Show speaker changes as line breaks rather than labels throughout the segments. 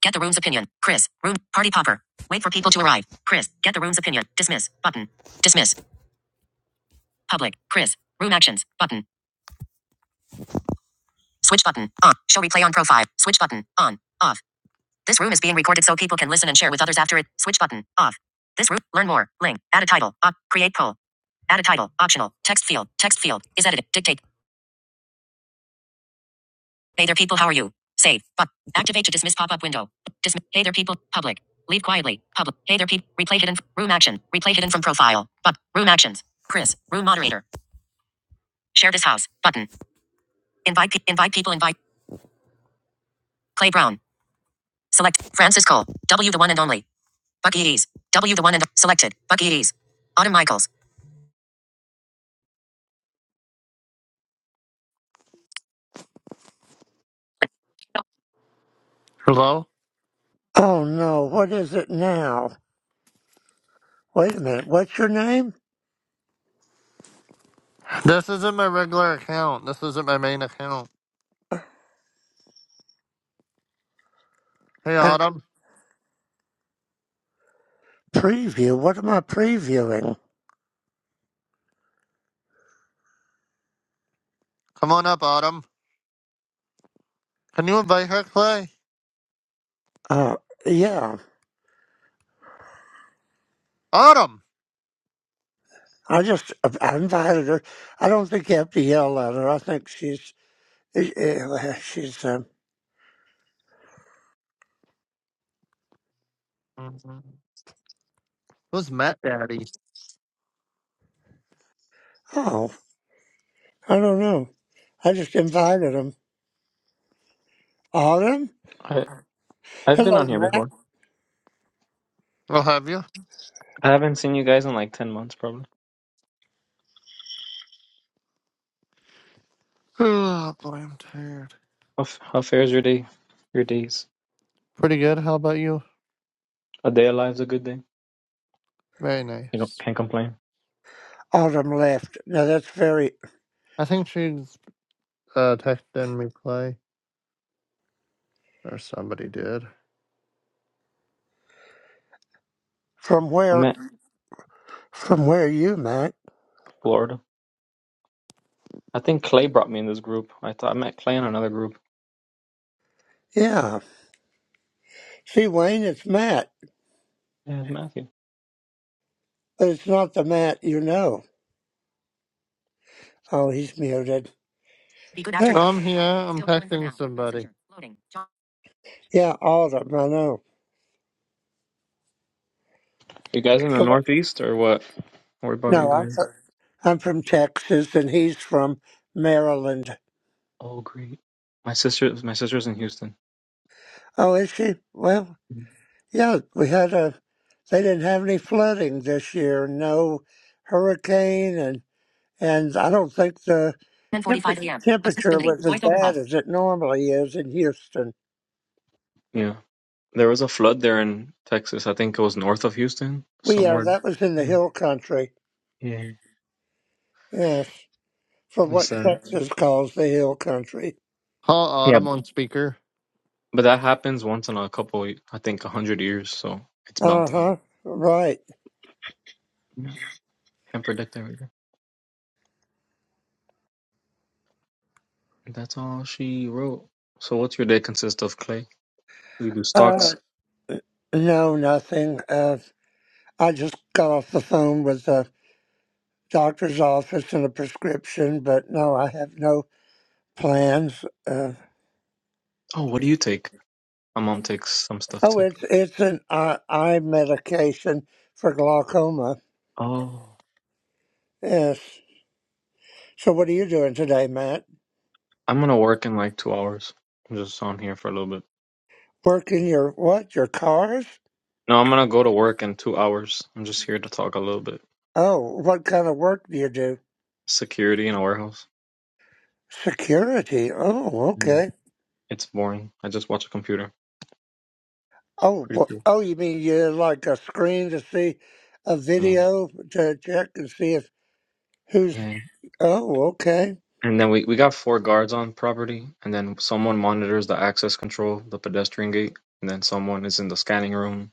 Get the room's opinion. Chris. Room. Party popper. Wait for people to arrive. Chris. Get the room's opinion. Dismiss. Button. Dismiss. Public. Chris. Room actions. Button. Switch button. On. Show replay on profile. Switch button. On. Off. This room is being recorded so people can listen and share with others after it. Switch button. Off. This room. Learn more. Link. Add a title. Op. Create poll. Add a title. Optional. Text field. Text field. Is edited. Dictate. Hey there, people. How are you? Save. But activate to dismiss pop up window. Dismiss. Hey there, people. Public. Leave quietly. Public. Hey there, people. Replay hidden. Room action. Replay hidden from profile. But room actions. Chris. Room moderator. Share this house. Button. Invite. Pe- invite people. Invite. Clay Brown. Select Francis Cole. W the one and only. Bucky Ease. W the one and selected. Bucky Ease. Autumn Michaels. Hello.
Oh no, what is it now? Wait a minute, what's your name?
This isn't my regular account. This isn't my main account. Hey,
And
Autumn.
preview, what am I previewing?
Come on up, Autumn. Can you invite her, Clay?
Uh, yeah,
Autumn.
I just, I invited her. I don't think you have to yell at her. I think she's, eh, eh, she's, um,
Who's Matt Daddy?
oh, I don't know. I just invited him. Autumn?
I I've been
Hello,
on here
Matt.
before.
Oh, have you.
I haven't seen you guys in like ten months, probably.
Oh boy, I'm tired.
How f- how fares your day? Your days?
Pretty good. How about you?
A day alive's a good day.
Very
You know,
nice.
can't complain.
Autumn left. Now that's very,
I think she's uh, texting me play, or somebody did.
from
I'm
where,
at
from where you, Matt?
Florida. I think Clay brought me in this group. I thought I met Clay in another group.
Yeah. See, Wayne, it's Matt,
Yeah, it's Matthew.
but it's not the Matt you know. Oh, he's muted.
Be good after.
yeah,
I'm here. I'm Still going for texting now. somebody. Messenger. Loading. John,
Autumn, I know.
You guys in the
So what-
Northeast or what? What about you
No, I'm
guys?
from, I'm from Texas and he's from Maryland.
Oh, great. My sister, my sister's in Houston.
Oh, is she? Well,
Mhm.
yeah, we had a, they didn't have any flooding this year, no hurricane, and, and I don't think the temper,
10:45 a.m.
temperature
Accessibility.
was as
Voice over hub.
bad as it normally is in Houston.
Yeah, there was a flood there in Texas. I think it was north of Houston,
We, yeah,
somewhere.
that was in the
Mm.
hill country.
Yeah,
Yes, for
that's
what
sad.
Texas calls the hill country.
Call Autumn on speaker.
But that happens once in a couple, I think, a hundred years, so it's bound
Uh
to happen.
huh, right.
Yeah, can't predict everything. That's all she wrote. So, what's your day consist of, Clay? We do
Uh.
stocks.
No, nothing. Uh, I just got off the phone with the doctor's office and a prescription, but no, I have no plans. Uh,
Oh, what do you take? My mom takes some stuff
oh,
too.
it's it's an eye, eye medication for glaucoma.
Oh,
Yes. So, what are you doing today, Matt?
I'm gonna work in like two hours. I'm just on here for a little bit.
Working your what? Your cars?
No, I'm gonna go to work in two hours. I'm just here to talk a little bit.
Oh, what kind of work do you do?
Security in a warehouse.
Security. Oh,
Yeah.
okay.
It's boring. I just watch a computer.
Oh,
Pretty
wh-
cool.
oh, you mean you like a screen to see a
Yeah.
video to check and see if who's
Yeah.
Oh, okay.
And then we, we got four guards on property, and then someone monitors the access control, the pedestrian gate, and then someone is in the scanning room.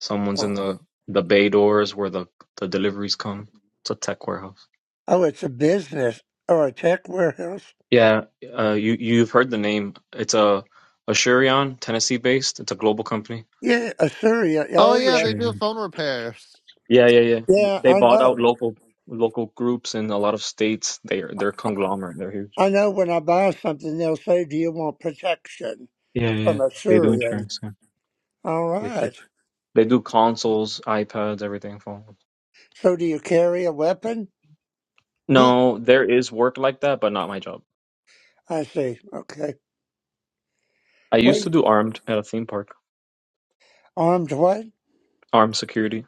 Someone's
Uh,
in the, the bay doors where the, the deliveries come. It's a tech warehouse.
Oh, it's a business or a tech warehouse.
Yeah, uh, you you've heard the name. It's a Asurion, Tennessee based. It's a global company.
Yeah, Assyria.
Oh
Oh,
yeah,
yes.
they do
Asurion.
phone repairs.
Yeah, yeah, yeah.
Yeah,
They
I
bought
know.
out local local groups in a lot of states. They're they're conglomerate. They're huge.
I know when I buy something, they'll say, Do you want protection
Yeah, yeah.
from
They do
Assyrian?
insurance. Yeah.
All
They
right.
fix. They do consoles, iPads, everything. Phone.
So, do you carry a weapon?
Mm.
No, there is work like that, but not my job.
I see. Okay.
I used
Wait,
to do armed at a theme park,
armed what?
armed security.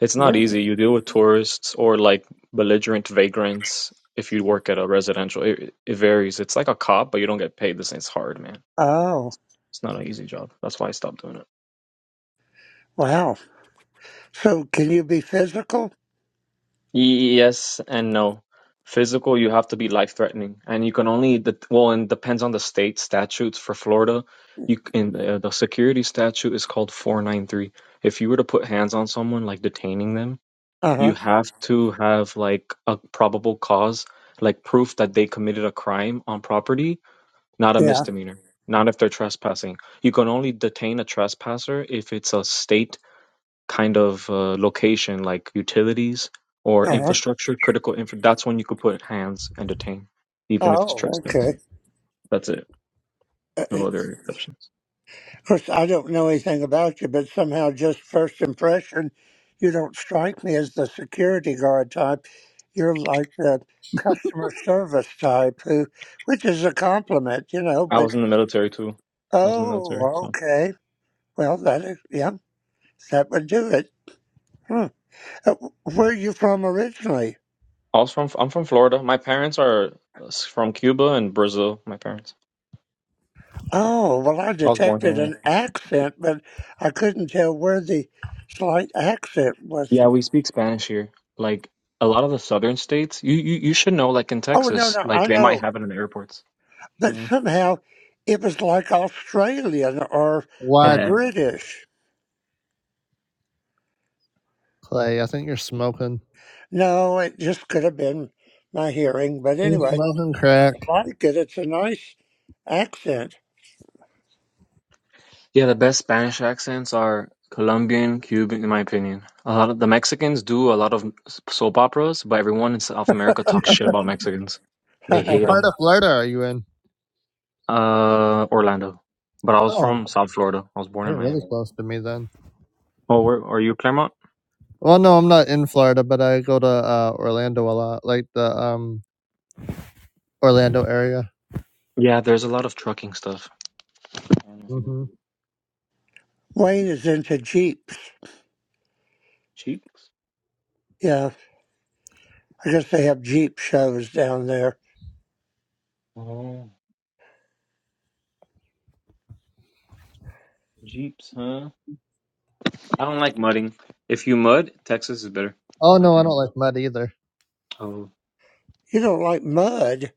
It's not easy.
Really?
You deal with tourists or like belligerent vagrants if you work at a residential. It, it varies. It's like a cop, but you don't get paid the same. It's hard, man.
Oh,
It's not an easy job. That's why I stopped doing it.
wow. So, can you be physical?
Yes and no. Physical, you have to be life threatening, and you can only the well, and depends on the state statutes. For Florida, you in uh, the security statute is called 493 if you were to put hands on someone, like detaining them,
Uh huh.
you have to have like a probable cause, like proof that they committed a crime on property, not a
Yeah.
misdemeanor, not if they're trespassing. You can only detain a trespasser if it's a state kind of uh, location, like utilities or
Uh huh.
infrastructure, critical infra. That's when you could put hands and detain, even if it's
Oh,
trespass.
okay.
That's it. No
Uh,
other exceptions.
Of course, I don't know anything about you, but somehow, just first impression, you don't strike me as the security guard type. You're like the customer service type, who, which is a compliment, you know.
I
But
was in the military too. I was in the military,
oh,
so
okay, well, that is, yeah, that would do it. Hmm. Uh, Where are you from originally?
I was from I'm from Florida. My parents are uh, s- from Cuba and Brazil. My parents.
Oh, well, I
I was born
detected
here.
an accent, but I couldn't tell where the slight accent was.
Yeah, we speak Spanish here. Like a lot of the southern states, you you, you should know. Like in
Oh no,
Texas,
no,
like
I
they might
know.
have it in the airports.
but
Yeah.
somehow it was like Australian or or
What
British.
play? I think you're smoking.
No, it just could have been my hearing, but
You
anyway,
smoking crack?
I like it. It's a nice accent.
Yeah, the best Spanish accents are Colombian, Cuban, in my opinion. A lot of the Mexicans do a lot of s- soap operas, but everyone in South America talks shit about Mexicans. They
Wayne
What
hate
part
them.
of Florida are you in?
Uh, Orlando. But I was
Oh,
from South Florida. I was born in
you're really
Miami.
close to me then.
Oh, where are you, Claremont?
Well, no, I'm not in Florida, but I go to, uh, Orlando a lot, like the, um, Orlando area.
Yeah, there's a lot of trucking stuff. I don't know if you do.
Mhm.
is into jeeps.
Cheeks?
Yeah, I guess they have jeep shows down there.
Oh, Jeeps, huh? I don't like mudding. If you mud, Texas is better,
Oh,
in my
no, I
opinion.
don't like mud either.
Oh,
You don't like mud.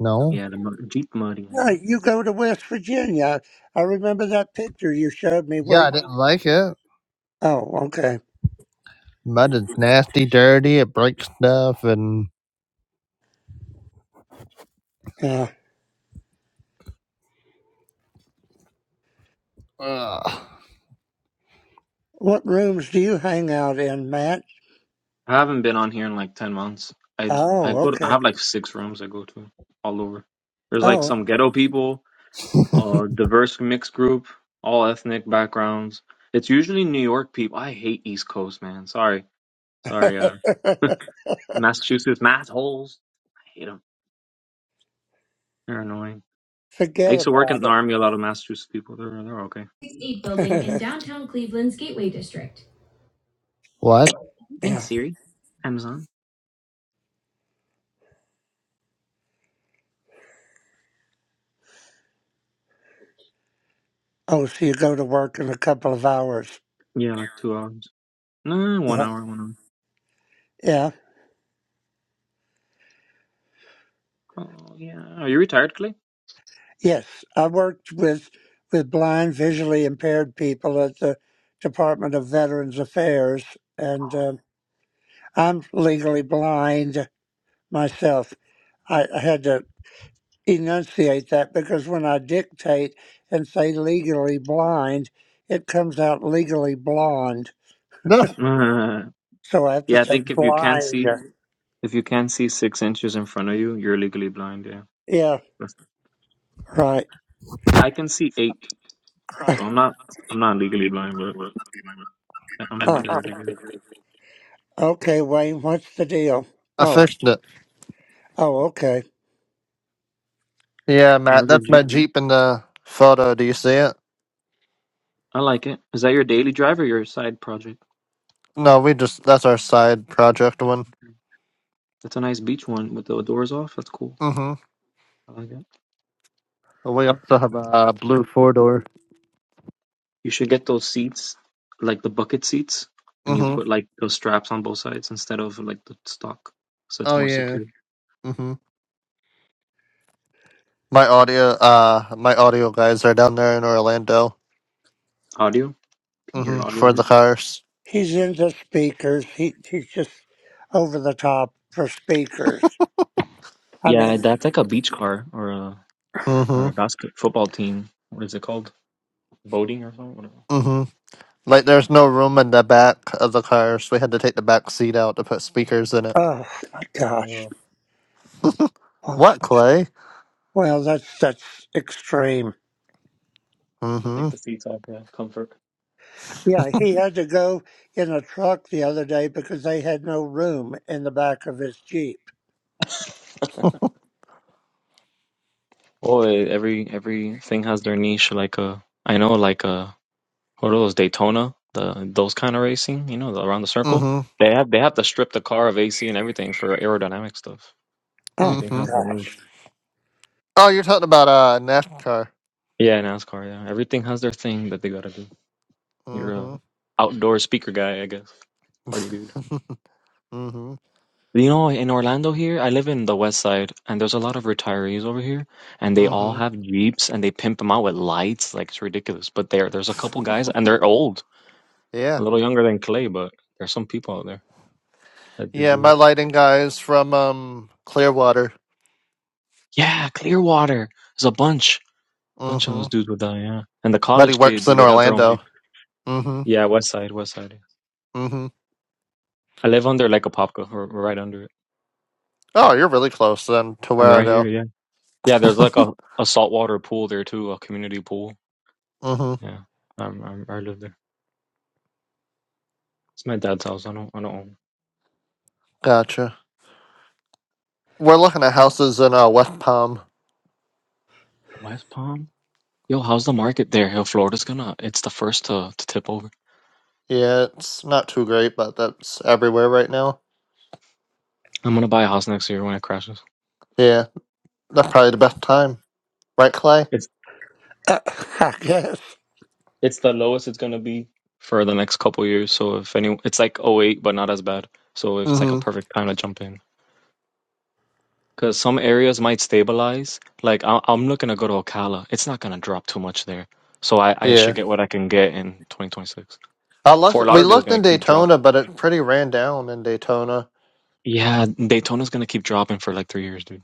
No?
yeah, the mud, deep mudding, you
right?
know.
you go to West Virginia. I remember that picture you showed me where
Yeah, I
you.
didn't like it.
Oh, okay.
Mud is nasty, dirty, it breaks stuff, and
Yeah.
ugh.
What rooms do you hang out in, Matt?
I haven't been on here in like ten months. I I
Oh,
go. To, I
okay.
have like six rooms I go to all over. There's like
Oh.
some ghetto people, uh, diverse mixed group, all ethnic backgrounds. It's usually New York people. I hate East Coast, man. Sorry, sorry. Uh, Massachusetts mass holes. I hate them. They're annoying. I
Forget
used to work in
about
the army. A lot of Massachusetts people. They're they're okay.
8 building in
it.
downtown Cleveland's Gateway District. What?
Thanks,
yeah.
Siri. Amazon.
Oh, so you go to work in a couple of hours.
Yeah, like two hours. No, one
Yeah.
hour, one
Yeah.
hour. Oh yeah. Are you retired, Clay?
Yes. I worked with with blind, visually impaired people at the Department of Veterans Affairs, and um I'm legally blind myself. I, I had to enunciate that because when I dictate and say legally blind, it comes out legally blonde.
No,
Uh,
So I have to
yeah, I
say
think if you can't
blind.
see if you can't see six inches in front of you, you're legally blind, yeah.
Yeah.
That's-
Right.
I can see eight. So I'm not I'm not legally blind, but I- I'm impaired, I guess.
Okay, Wayne, what's the deal?
I
Oh,
fixed it.
oh, okay.
Yeah,
Oh,
Matt,
that's your
that's my
Jeep.
Jeep in the photo. Do you see it?
I like it. Is that your daily drive or your side project?
No, we just that's our side project one.
That's a nice beach one with the doors off. That's cool.
Mm-hmm.
I like it.
We also have a uh, blue four door.
You should get those seats, like the bucket seats, and you
Mm-hmm.
put like those straps on both sides instead of like the stock. So it's
Oh
more
yeah.
secure.
Mm-hmm. My audio, uh, my audio guys are down there in Orlando.
Audio? Your
Mm-hmm.
audio
For
group?
the cars.
He's into speakers. He he's just over the top for speakers. I
Yeah,
mean,
that's like a beach car or a
Mm-hmm.
or a basket football team. What is it called? Boating or something? Whatever.
Mm-hmm. Like there's no room in the back of the cars. We had to take the back seat out to put speakers in it.
oh my gosh.
Oh,
Well,
What Clay?
well, that's that's extreme.
they
Mm-hmm.
take the seats off. Yeah, comfort.
Yeah, he had to go in a truck the other day because they had no room in the back of his jeep.
Oh, every everything has their niche. Like a, I know, like a what are those Daytona? The those kind of racing, you know, the, around the circle.
Mm-hmm.
They have they have to strip the car of AC and everything for aerodynamic stuff.
Oh
Everything
my
Mm-hmm.
has their own.
gosh.
Oh, you're talking about uh NASCAR.
Yeah, NASCAR. Yeah, everything has their thing that they gotta do. You're a
Mm-hmm.
outdoor speaker guy, I guess. Party dude.
Mm-hmm.
You know, in Orlando here, I live in the west side, and there's a lot of retirees over here, and they all
Mm-hmm.
have Jeeps and they pimp them out with lights. Like it's ridiculous. But there, there's a couple guys, and they're old, a
Yeah.
little younger than Clay, but there's some people out there that do
Yeah,
do
my
it.
lighting guy is from um Clearwater.
Yeah, Clearwater. There's a bunch, bunch of
Mm-hmm.
those dudes with that. Yeah, and the
But he
college
works
kids,
in
they got their own
Orlando.
Jeep.
Mm-hmm.
Yeah, west side, west side. yeah.
Mm-hmm.
I live under like a popka, or or right under it.
Oh, you're really close then to
I'm
where I
right here.
go.
Yeah, yeah. There's like a a saltwater pool there too, a community pool.
Mm-hmm.
Yeah, I'm, I'm I live there. It's my dad's house. I don't I don't own
Gotcha. We're looking at houses in uh West Palm.
West Palm. Yo, how's the market there? Yo, Florida's gonna it's the first to to tip over.
Yeah, it's not too great, but that's everywhere right now.
I'm gonna buy a house next year when it crashes.
Yeah. That's probably the best time. Right, Clay?
It's
Uh, I guess.
it's the lowest it's gonna be for the next couple years. So if any it's like oh 08, but not as bad. So if it's like a
Mm-hmm.
perfect time to jump in. Because some areas might stabilize. Like I I'm looking to go to Ocala. It's not gonna drop too much there. So I, I should
Yeah.
get what I can get in 2026.
I
Fort
looked we
Lauderdale's
looked
gonna
in
keep dropping.
Daytona, but it pretty ran down in Daytona.
Yeah, Daytona's gonna keep dropping for like three years, dude.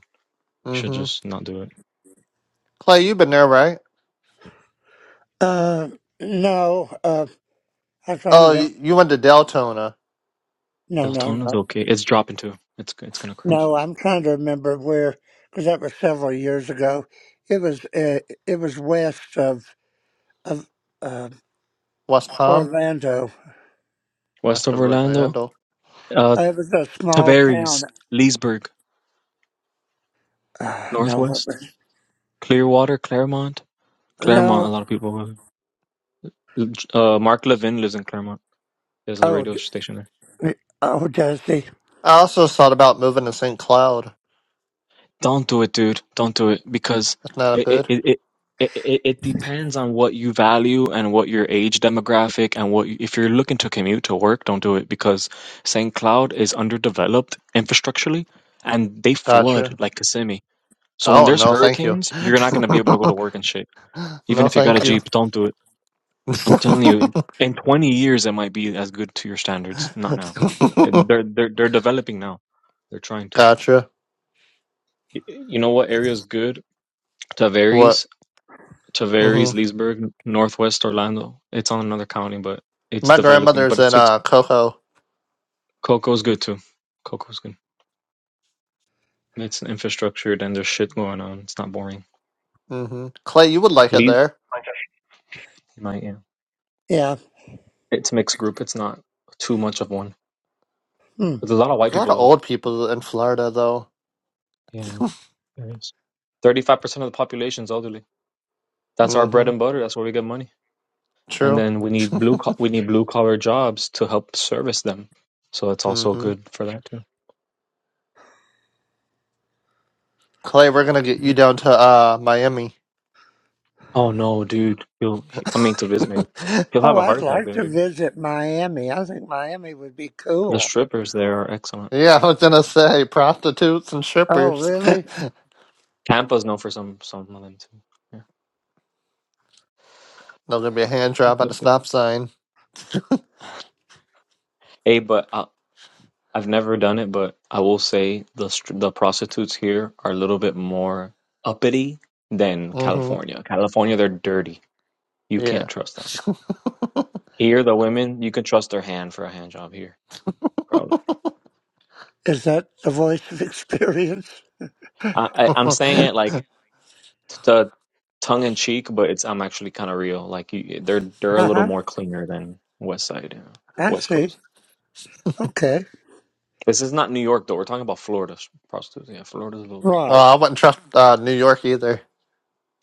You should
Mm-hmm.
just not do it.
Clay, you've been there, right?
Uh, no. Uh, I found
Oh,
him.
you, you went to Deltona,
No,
Deltona's
no, no.
okay. It's dropping too. It's it's gonna crash.
No, I'm trying to remember where, because that was several years ago. It was uh, it was west of of uh,
West Palm,
Orlando.
West
west
of
of
Orlando,
Orlando.
uh,
It was a small
Tavares,
town.
Leesburg,
Uh, no, what
Northwest,
was
Clearwater, Claremont, Claremont. A
no?
lot of people. Uh, Mark Levin lives in Claremont. There's a
Oh,
radio station there.
d- oh, Dusty.
I also thought about moving to St. Cloud.
Don't do it, dude. Don't do it because
That's not
it it
good.
it. it it, it it depends on what you value and what your age demographic and what if you're looking to commute to work don't do it because St. Cloud is underdeveloped infrastructurally and they
Gotcha.
flood like Kissimmee So when
Oh,
there's
no, thank you.
hurricanes, you're not going to be able to go to work and shit. Even
no,
if you got a
thank you.
Jeep, don't do it. I'm telling you, in 20 years, it might be as good to your standards. Not now. And they're they're they're developing now. They're trying to.
gotcha.
Y- You know what area is good?
What?
Tavares,
hmm
Tavares, Leesburg, Northwest Orlando. It's on another county, but it's
My
developing.
grandmother's
But
in
it's it's-
uh, Coco.
Coco's good too. Coco's good. It's infrastructure. Then there's shit going on. It's not boring.
hmm Clay, you would like it
Lees,
there.
you might yeah.
Yeah.
It's mixed group. It's not too much of one.
Hmm.
there's a lot of
There's
white
a lot
people
of
though.
old people in Florida, though.
Yeah, there is. Thirty-five percent of the population is elderly. That's our bread
hmm
and butter. That's where we get money. And
True.
then we need blue co- we need blue collar jobs to help service them. So it's also
hmm
good for that too.
Clay, we're going to get you down to uh, Miami.
Oh no, dude! He'll he, I mean to visit maybe. He'll
Oh,
have a heart
I'd
attack
like
there,
to
dude.
visit Miami. I think Miami would be
The
cool.
strippers there are excellent.
Yeah, I was gonna say prostitutes and
Oh,
strippers.
really?
Tampa's known for some some of them too. Yeah.
They'll to be a hand
Yep,
job at the
yep, yep.
stop sign.
Hey, but uh, I've never done it, but I will say the str- the prostitutes here are a little bit more uppity than
Mm-hmm.
California. California, they're dirty. You
Yeah.
can't trust them. Here, the women, you can trust their hand for a hand job here. Probably.
Is that the voice of experience?
I, I, I'm saying
oh,
it like t- to tongue in cheek, but it's I'm actually kind of real. Like you, they're they're a
Uh
little
huh.
more cleaner than West Side, you know,
I
West
see.
Coast.
Okay.
This is not New York though. We're talking about Florida s- prostitutes. Yeah, Florida's a little bit.
Right.
I wouldn't trust uh, New York either.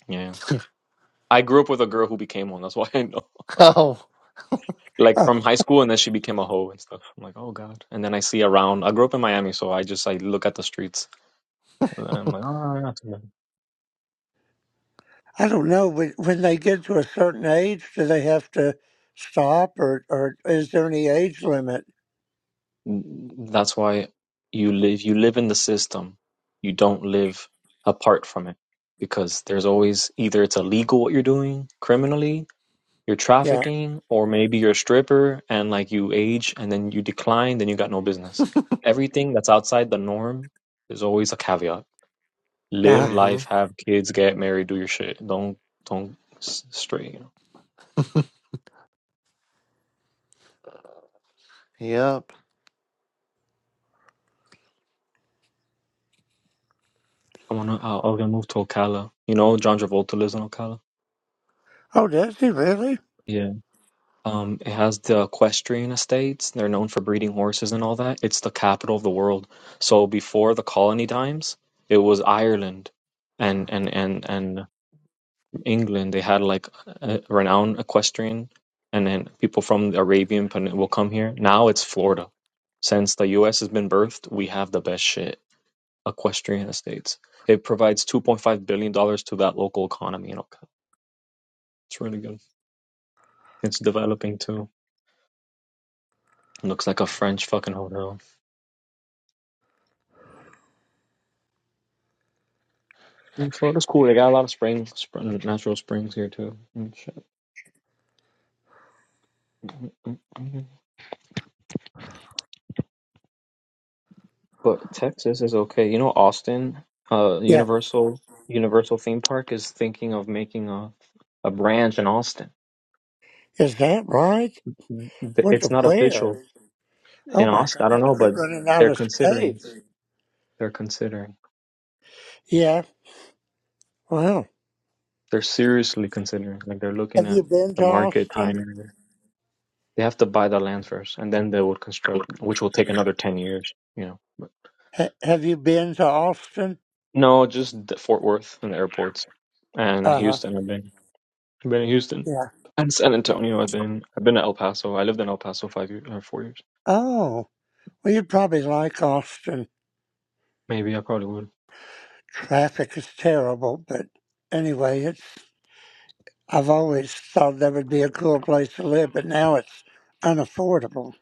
Yeah. I grew up with a girl who became one. That's why I know.
Oh.
like from high school and then she became a hoe and stuff. I'm like, oh god. And then I see around. I grew up in Miami, so I just I look at the streets. And I'm like, oh, yeah, that's bad."
I don't know, but when they get to a certain age, do they have to stop or, or is there any age limit?
that's why you live. You live in the system. You don't live apart from it because there's always either it's illegal what you're doing criminally, you're
Yeah.
trafficking, or maybe you're a stripper and like you age and then you decline, then you got no business. Everything that's outside the norm is always a caveat. live
Nah.
Mm-hmm.
life, have kids, get married, do your shit. Don't don't s- stray. You know?
Yep.
I wanna uh, I- I'm gonna move to Ocala. You know, John Travolta lives in Ocala.
Oh, does he really?
Yeah. Um, it has the equestrian estates. They're known for breeding horses and all that. It's the capital of the world. So before the colony times, it was Ireland and and and and England. They had like a renowned equestrian, and then people from the Arabian Peninsula will come here. Now it's Florida. Since the U.S. has been birthed, we have the best shit equestrian estates. It provides two point five billion dollars to that local economy You know, It's really good. It's developing too. It Looks like a French fucking hotel. And Florida's cool. They got a lot of springs, spring, natural springs here too. But Texas is okay. You know, Austin, uh,
Yeah.
Universal Universal theme park is thinking of making a a branch in Austin.
Is that right? What the
It's not official
where? Oh
in
my
Austin. I
gosh,
don't know,
they're
but
running out
they're
of
considering.
space.
They're considering.
Yeah. Wow.
They're seriously considering, like they're looking
Have
at
you been
the
to
market
Austin?
timing. They have to buy the land first, and then they will construct, which will take another ten years. You know, But-
Ha- have you been to Austin?
no, just the Fort Worth and the airports, and
Uh huh.
Houston. I've been, I've been in Houston
Yeah.
and San Antonio. I've been, I've been to El Paso. I lived in El Paso five years or four years.
Oh, well, you'd probably like Austin.
Maybe I probably would.
Traffic is terrible, but anyway, it's I've always thought that would be a cool place to live, but now it's unaffordable.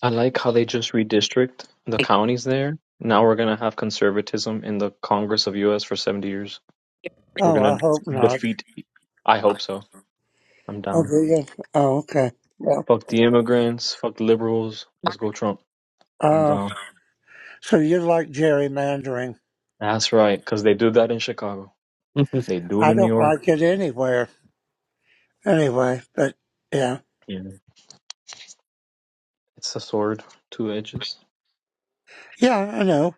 I like how they just redistrict the counties there. Now we're gonna have conservatism in the Congress of U.S. for seventy years. We're
Oh, I
gonna
hope not.
defeat. I hope so. I'm
Oh,
down.
do you? Oh, okay. Well,
Fuck the immigrants. Fuck the liberals. Let's go Trump. I'm
uh,
down.
so you like gerrymandering.
That's right, because they do that in Chicago. They do it
I
in New
don't
York.
like it anywhere anyway, but yeah.
Yeah. It's a sword, two edges.
Yeah, I know.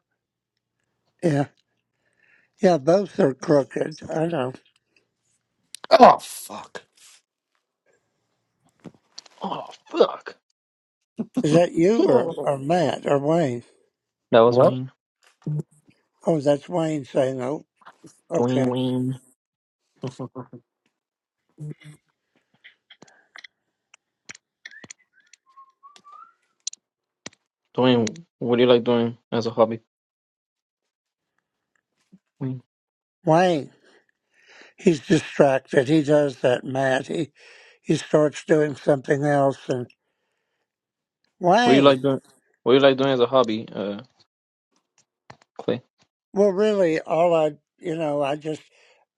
Yeah. Yeah, both are crooked. I know.
oh fuck.
Oh, fuck.
Is that you or,
that
or Matt or Wayne?
was
What?
Wayne.
Oh, that's Wayne saying, oh,
Dwayne
okay.
Wayne. Dwayne, what do you like doing as a hobby? Wayne.
Wayne, he's distracted. He does that, Matt. He, he starts doing something else
What do you
Why?
like doing? What do you like doing as a hobby, uh, Clay?
Well, really, all I, you know, I just,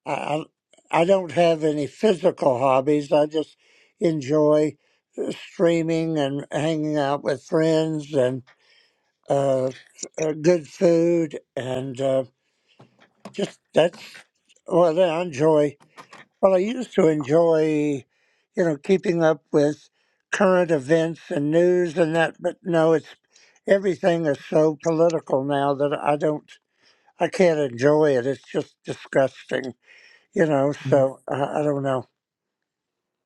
I, I I don't have any physical hobbies. I just enjoy uh, streaming and hanging out with friends and uh, uh, good food and uh, just that's well, I enjoy. Well, I used to enjoy, you know, keeping up with current events and news and that, but no, it's everything is so political now that I don't. I can't enjoy it. It's just disgusting, you know.
Mhm.
So I, I don't know.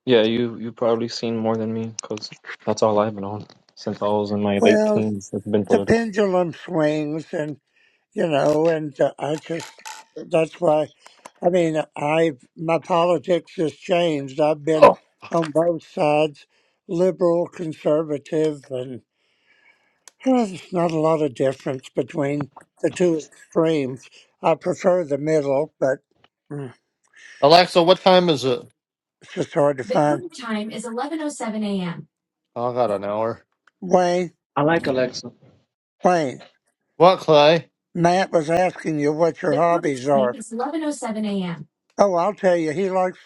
Yeah, you you probably seen more than me, because that's all I've been on since I was in my late
Well,
teens. It's been
the
political.
pendulum swings, and you know, and uh, I just that's why. I mean, I my politics has changed. I've been
Oh.
on both sides, liberal, conservative, and huh, there's not a lot of difference between the two extremes. I prefer the middle, but mm,
Alexa, what time is it?
it's just hard to find.
Oh, I got an hour.
Wayne,
I like Alexa.
Wayne.
What, Clay?
Matt was asking you what your hobbies are. Oh, I'll tell you, he likes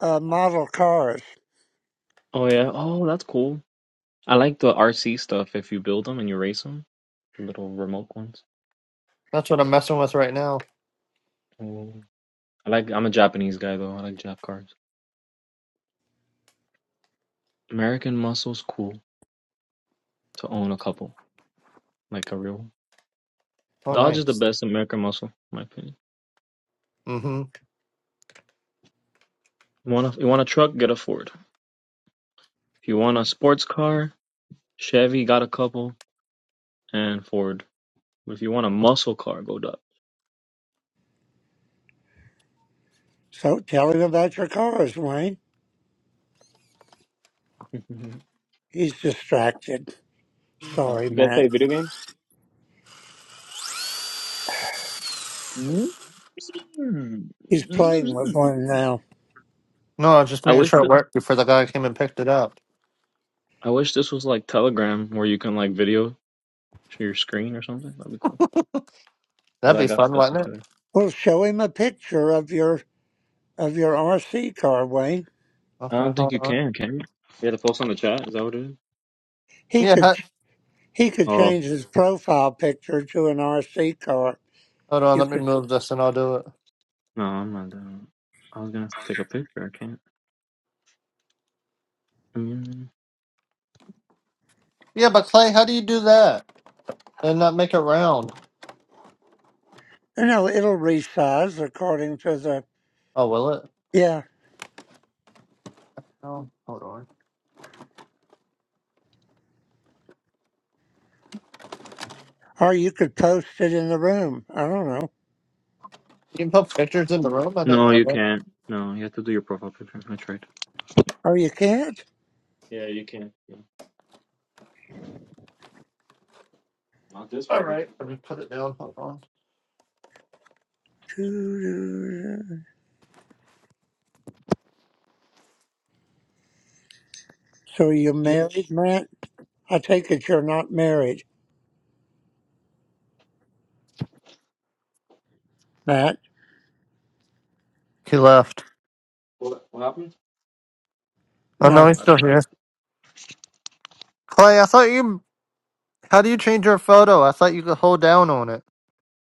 uh, model cars.
Oh, yeah. Oh, that's cool. I like the RC stuff. If you build them and you race them, the little remote ones.
That's what I'm messing with right now.
Mm. I like. I'm a Japanese guy though. I like Jap cars. American Muscle's cool to own a couple, like a real. one.
Oh,
Dodge is the
nice.
best American Muscle, in my opinion.
Mm-hmm.
You want a, you want a truck? Get a Ford. If you want a sports car, Chevy got a couple and Ford. If you want a muscle car, go Dodge.
So tell him about your cars, Wayne.
Mhm.
He's distracted.
okay.
Sorry,
You guys play
Matt.
video games?
He's playing with one now.
No, I was just
I
making
wish
sure it
that
worked before the guy came and picked it up.
I wish this was like Telegram where you can like video share your screen or something? That'd be cool. 'Cause
That'd
I
be
got
fun,
stuff to
wouldn't it?
share.
Well, show him a picture of your of your RC car, Wayne.
I
Okay,
don't think
hold
you
on.
can. Can you? You have to post on the chat. Is that what it is?
He
Yeah,
could
hi-
he could
Oh
change his profile picture to an RC car.
hold on.
You
Let me
could
move this and I'll do it.
no, I'm not doing. it. I was gonna take a picture. I can't. Mm.
Yeah, but Clay, how do you do that and not make it round?
no, it'll resize according to the
Oh, will it?
yeah.
Oh, hold on.
Or you could post it in the room. I don't know.
You can put pictures in the room. I didn't
No,
know
you
that.
can't. No, you have to do your profile picture. I tried.
Or you can't.
Yeah, you can. Yeah. Not this
All
one. you can.
right, I just put it down. Hold on.
So you're married, Matt? I take it you're not married, Matt.
He left.
What? What happened?
Oh no,
No.
he's still here. Clay, I thought you. How do you change your photo? I thought you could hold down on it.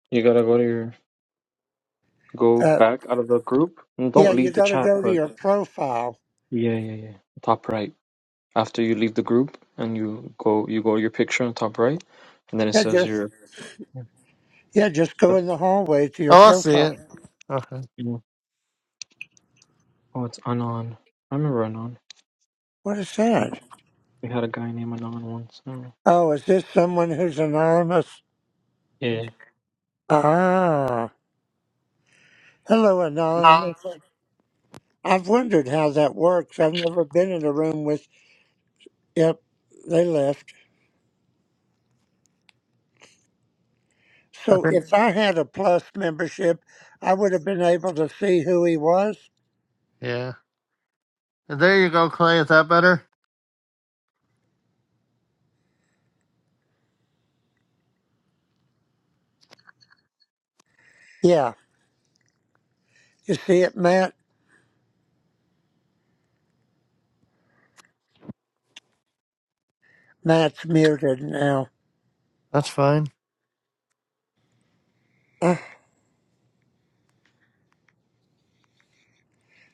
You gotta go to your go
Uh,
back out of the group. And
yeah,
don't
you
leave the
got to
chat.
go to
But
your profile.
yeah, yeah, yeah. Top right. After you leave the group and you go, you go to your picture on top right, and then it
Yeah,
says
just
your.
yeah, just go in the hallway to your
Oh, I see
profile.
it. Okay.
Yeah. Oh, it's Anon. I remember Anon.
What is that?
We had a guy named Anon once. Oh.
Oh, is this someone who's anonymous?
Yeah.
Ah, hello,
No,
anonymous.
I
I've wondered how that works. I've never been in a room with. Yep, they left. So
think.
if I had a plus membership, I would have been able to see who he was.
Yeah. There you go, Clay. Is that better?
Yeah. You see it, Matt? Matt's muted now.
That's fine.
Uh,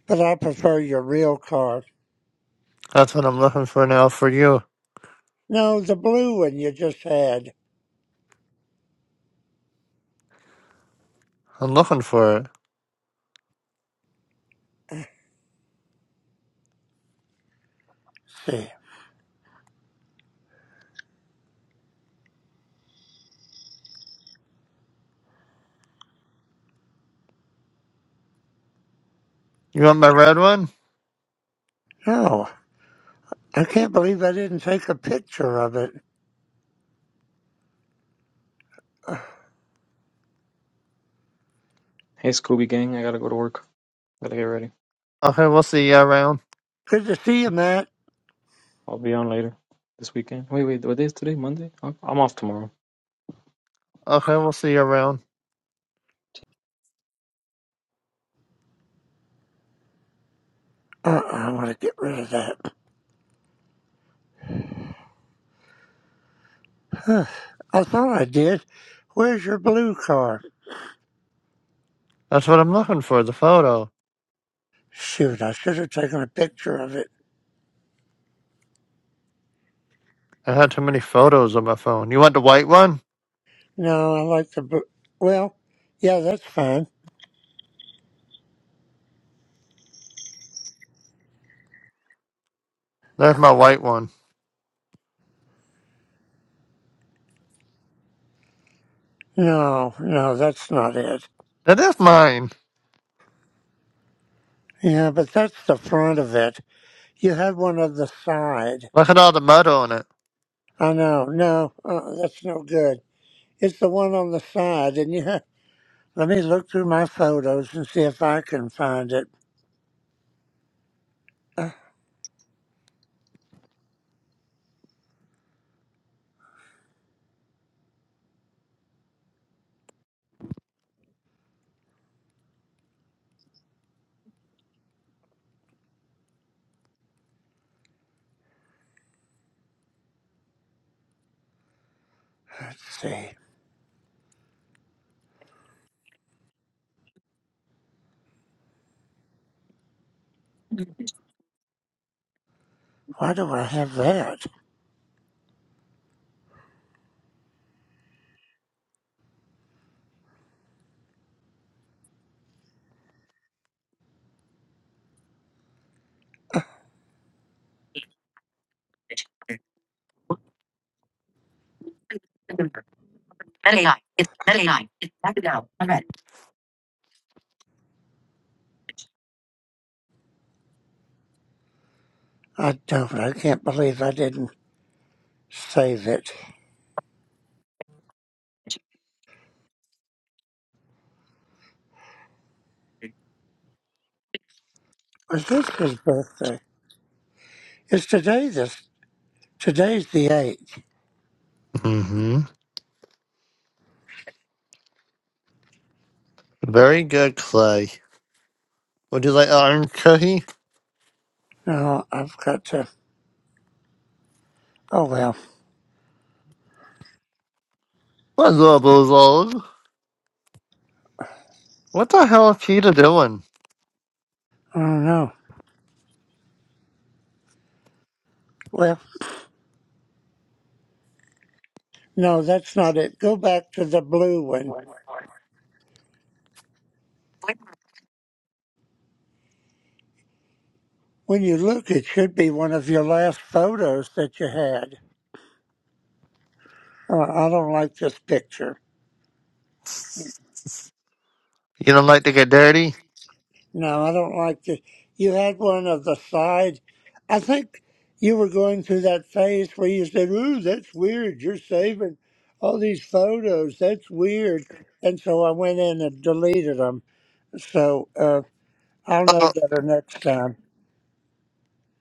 but I prefer your real card.
That's what I'm looking for now for you.
No, the blue one you just had.
I'm looking for it.
See.
You want my red one?
Oh, I can't believe I didn't take a picture of it. Uh,
Hey, Scooby Gang. I gotta go to work. Gotta get ready.
Okay, we'll see you around.
Good to see you, Matt.
I'll be on later this weekend. Wait, wait. What day is today? Monday? I'm I'm off tomorrow.
Okay, we'll see you around.
Uh, I want to get rid of that. I thought I did. Where's your blue card?
That's what I'm looking for, the photo.
Shoot, I should have taken a picture of it.
I had too many photos on my phone. You want the white one?
No, I like the blue. Well, yeah, that's fine.
There's my white one.
No, no, that's not it.
That is mine.
Yeah, but that's the front of it. You had one on the side.
Look at all the mud on it.
I know. No, uh, that's no good. It's the one on the side, and you have. Let me look through my photos and see if I can find it. Uh, let's see. Why do I have that? I don't. I can't believe I didn't save it. Was this his birthday? It's today. This today's the eighth.
mm hmm Very good, Clay. Would you like orange cookie?
No, I've got to. Oh well.
What's all those old? What the hell is Cheetah doing?
I don't know. Well, no, that's not it. Go back to the blue one. When you look, it should be one of your last photos that you had. Uh, I don't like this picture.
You don't like to get dirty?
No, I don't like the. You had one of the side. I think you were going through that phase where you said, "Ooh, that's weird. You're saving all these photos. That's weird." And so I went in and deleted them. So uh, I'll know
Oh,
better next time.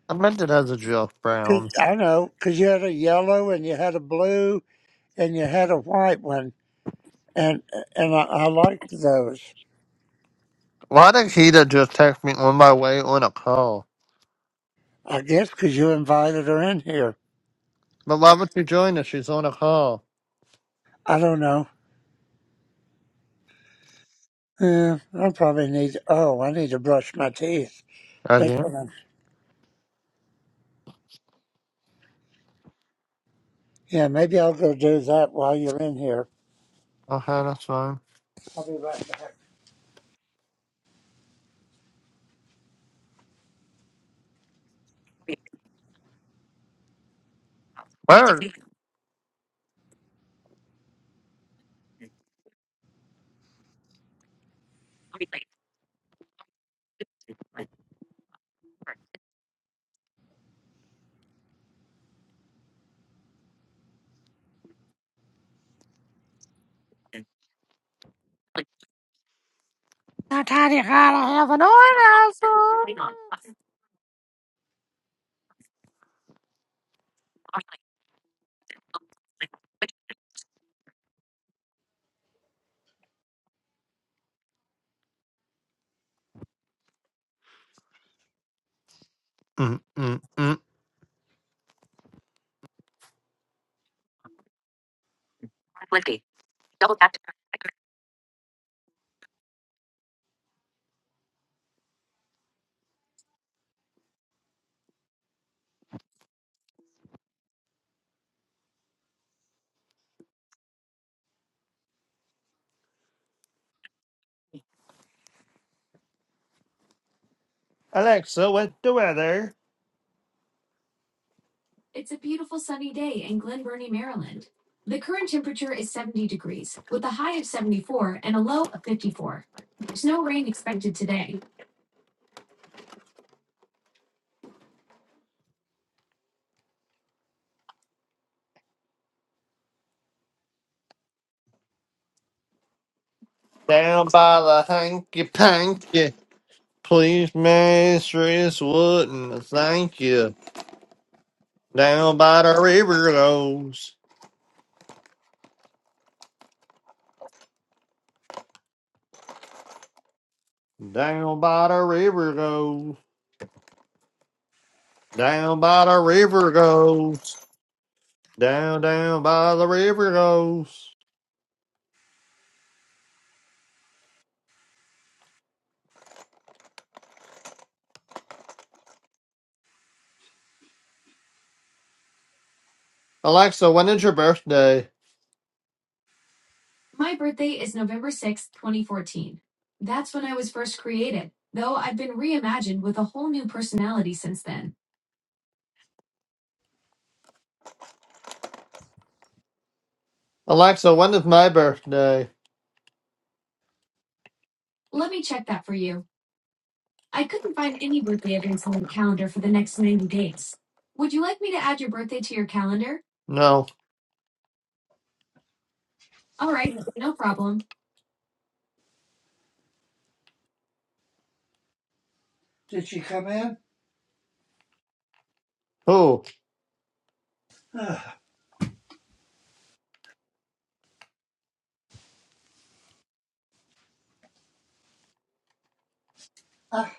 I meant it as a joke,
'Cause-
Brown.
I know because you had a yellow and you had a blue and you had a white one, and and I, I liked those.
Why did Cheetah just text me on my way on a call?
I guess 'cause you invited her in here.
But why would she join us? She's on a call.
I don't know. Yeah, I probably need. Oh, I need to brush my teeth. That's
Again?
what I'm. Yeah, maybe I'll go do that while you're in here.
Okay, that's fine.
I'll be right back.
Now, Tiny gotta have an orgasm. Mm, mm, mm. Down by the hanky panky. Please, mistress, wouldn't thank you. Down by the river goes. Down by the river goes. Down by the river goes. Down, down by the river goes. Alexa, when is your birthday? Alexa, when is my birthday? No.
Did she come in?
Who?
Ah, ah,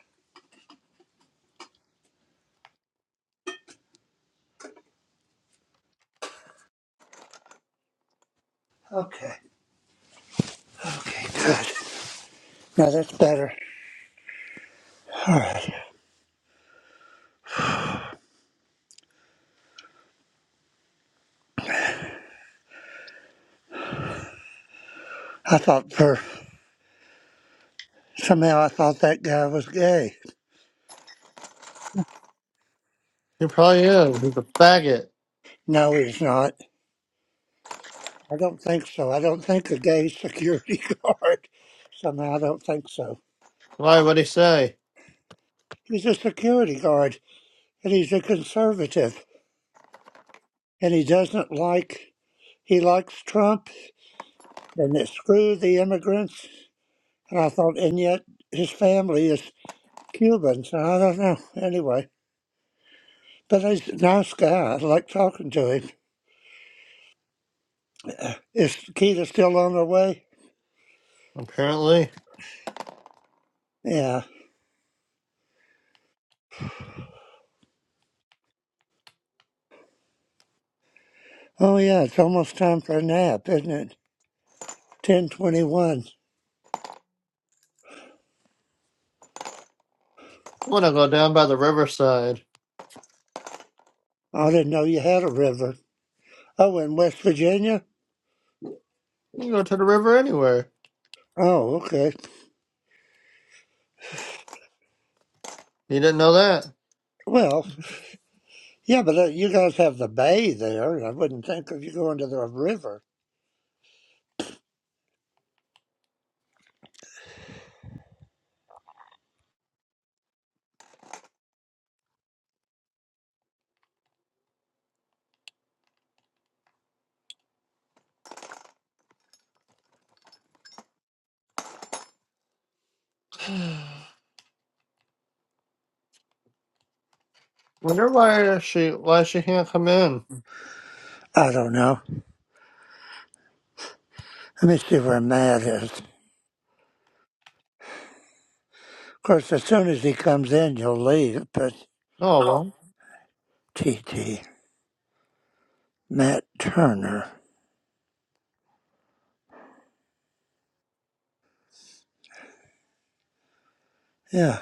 okay. Okay, good. Now that's better. All right. I thought for somehow I thought that guy was gay.
He probably is. He's a faggot.
No, he's not. I don't think so. I don't think a gay security guard. Somehow I don't think so.
Why would he say?
He's a security guard and he's a conservative. and he doesn't like he likes Trump and that screw the immigrants. And I thought, and yet his family is Cuban, so I don't know. Anyway, but he's a nice guy. I like talking to him. Uh, Is Keita still on her way?
Apparently,
Yeah. Oh yeah, it's almost time for a nap, isn't it? Ten twenty-one.
I want to go down by the riverside.
I didn't know you had a river. Oh, in West Virginia.
You can go to the river anywhere.
Oh, okay.
You didn't know that.
Well, yeah, but uh, you guys have the bay there. I wouldn't think of you going to the river.
Wonder why she why she can't come in.
I don't know. Let me see where Matt is. Of course, as soon as he comes in, you'll leave. But
No, well,
TT, Matt Turner. Yeah.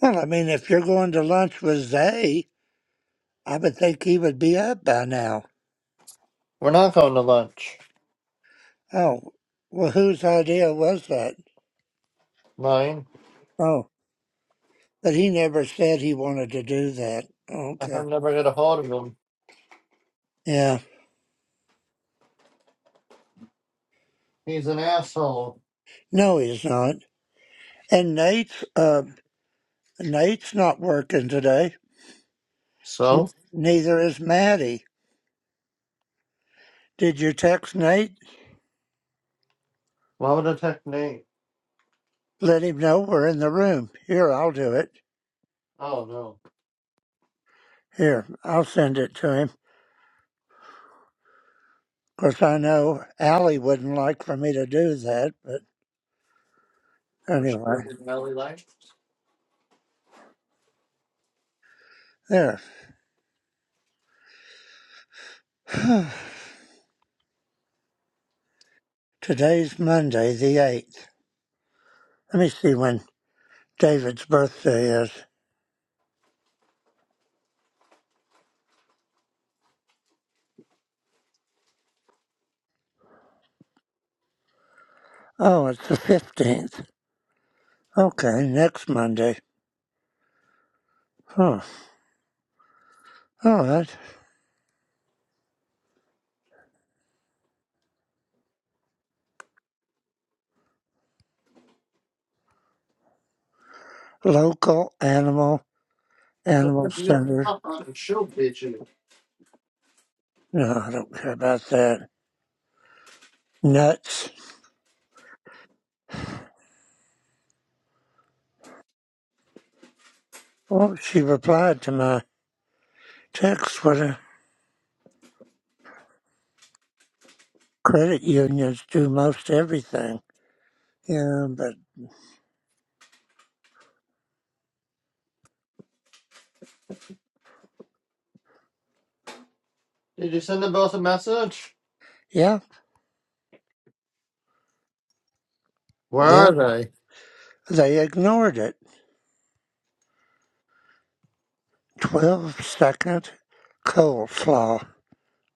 Well, I mean, if you're going to lunch with Zay, I would think he would be up by now.
we're not going to lunch.
Oh, well, whose idea was that?
Mine.
Oh, but he never said he wanted to do that.
i
Okay.
can never get a hold of him.
Yeah.
He's an asshole.
No, he's not. And Nate's, uh, Nate's not working today.
So
Neither is Maddie. Did you text Nate?
why would I text Nate?
let him know we're in the room. Here, I'll do it.
Oh no.
Here, I'll send it to him. Of course, I know Allie wouldn't like for me to do that, but
For
anyway,
sure, Valley Life.
there. Today's Monday, the 8th. Let me see when David's birthday is. Oh, it's the 15th. Okay, next Monday. Huh. All right. Local animal, animal
Sometimes you gotta
center.
pop on and show bitches.
No, I don't care about that. Nuts. Well, she replied to my text. What? credit unions do most everything. Yeah, but
Did you send them both a message?
yeah,
Where
yeah,
are they?
they ignored it. 12 second coleslaw.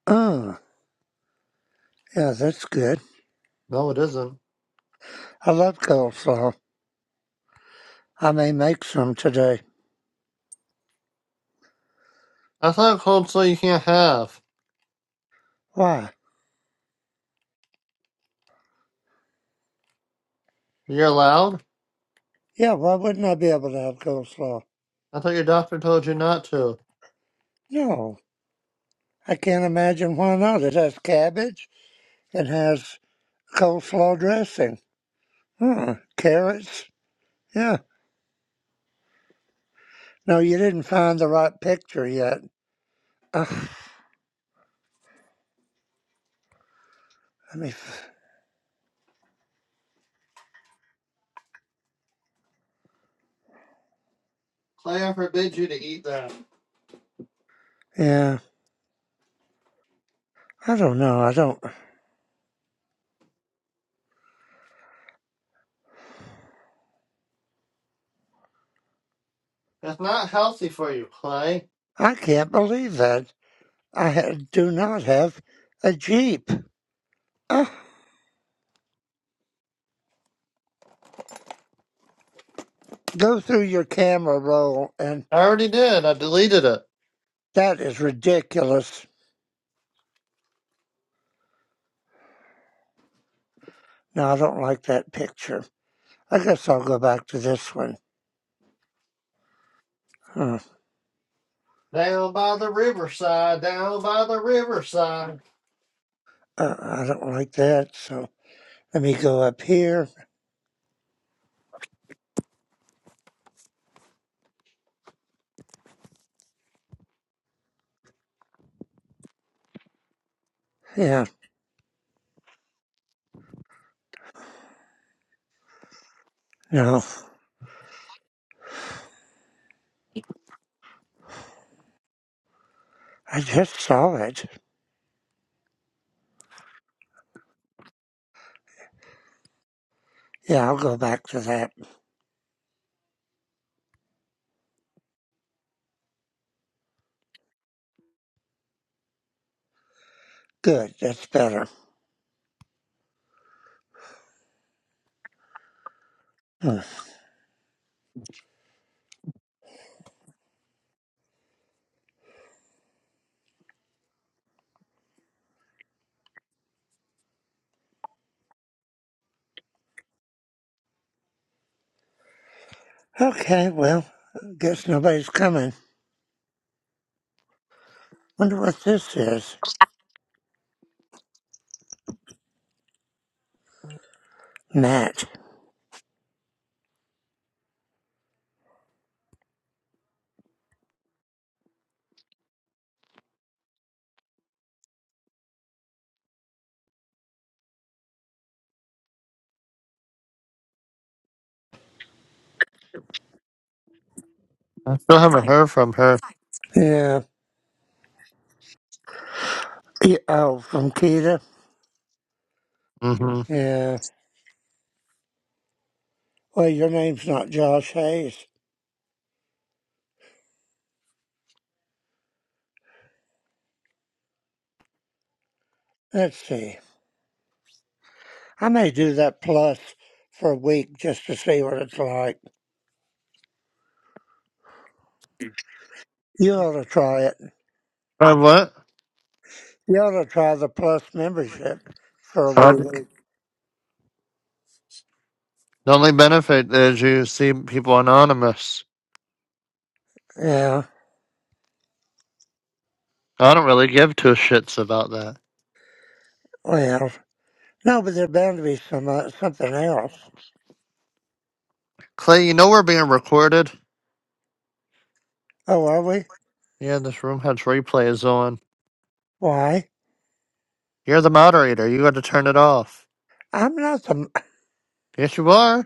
Mm, yeah, that's good.
No, it isn't.
I love coleslaw. I may make some today.
I thought cold so you can't have.
Why?
You're allowed.
Yeah, why wouldn't I be able to have coleslaw?
I thought your doctor told you not to.
No, I can't imagine why not. It has cabbage, it has coleslaw dressing, Hmm, carrots. Yeah. No, you didn't find the right picture yet. Ugh, let me. f-
Clay, I forbid you to eat that.
Yeah. I don't know. I don't.
That's not healthy for you, Clay.
I can't believe that. I ha- do not have a Jeep. Ah, go through your camera roll, and
I already did. I deleted it.
that is ridiculous. No, I don't like that picture. I guess I'll go back to this one. Huh.
Down by the riverside, down by the riverside.
Uh, I don't like that, so let me go up here. Yeah, no, I just saw it. Yeah, I'll go back to that. Good, that's better. Hmm. Okay, well, guess nobody's coming. Wonder what this is. Matt.
I still haven't heard from her.
Yeah. yeah. Oh, from Keita?
Mm-hmm.
Yeah. Well, your name's not Josh Hayes. Let's see. I may do that plus for a week just to see what it's like. You ought to try it.
Uh, what?
You ought to try the plus membership for a week.
The only benefit is you see people anonymous.
Yeah.
I don't really give two shits about that.
Well, no, but there's bound to be some uh, something else.
Clay, you know we're being recorded?
Oh, are we?
Yeah, this room has replays on.
Why?
You're the moderator. You got to turn it off.
I'm not the.
Yes, you are.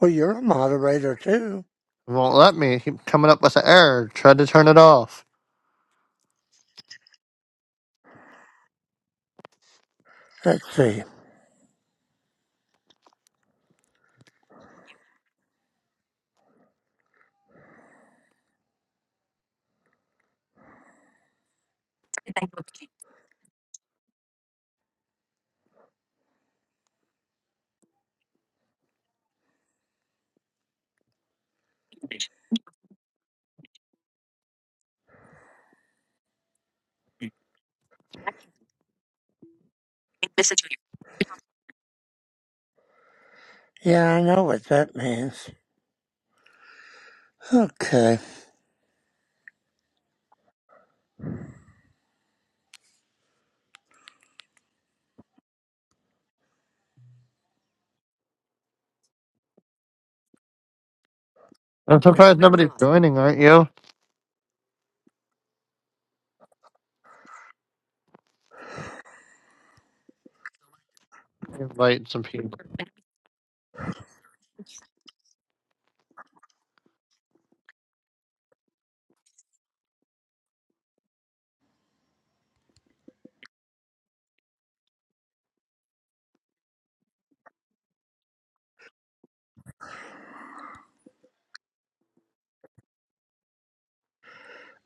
Well, you're a moderator too.
It won't let me. Keep coming up with an error. Tried to turn it off.
Let's see. Yeah, I know what that means. Okay.
That's you're joining, aren't you? Invite some people.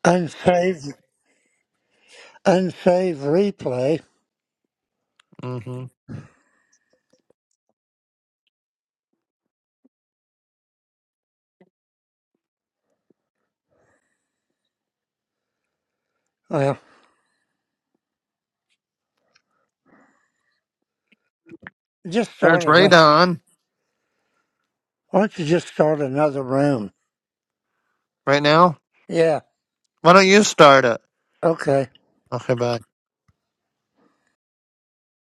Unsaved unsave replay.
hmm
Well, just
There's
start another.
Radon
Why don't you just start another room?
right now.
Yeah.
Why don't you start it?
Okay.
Okay, bye.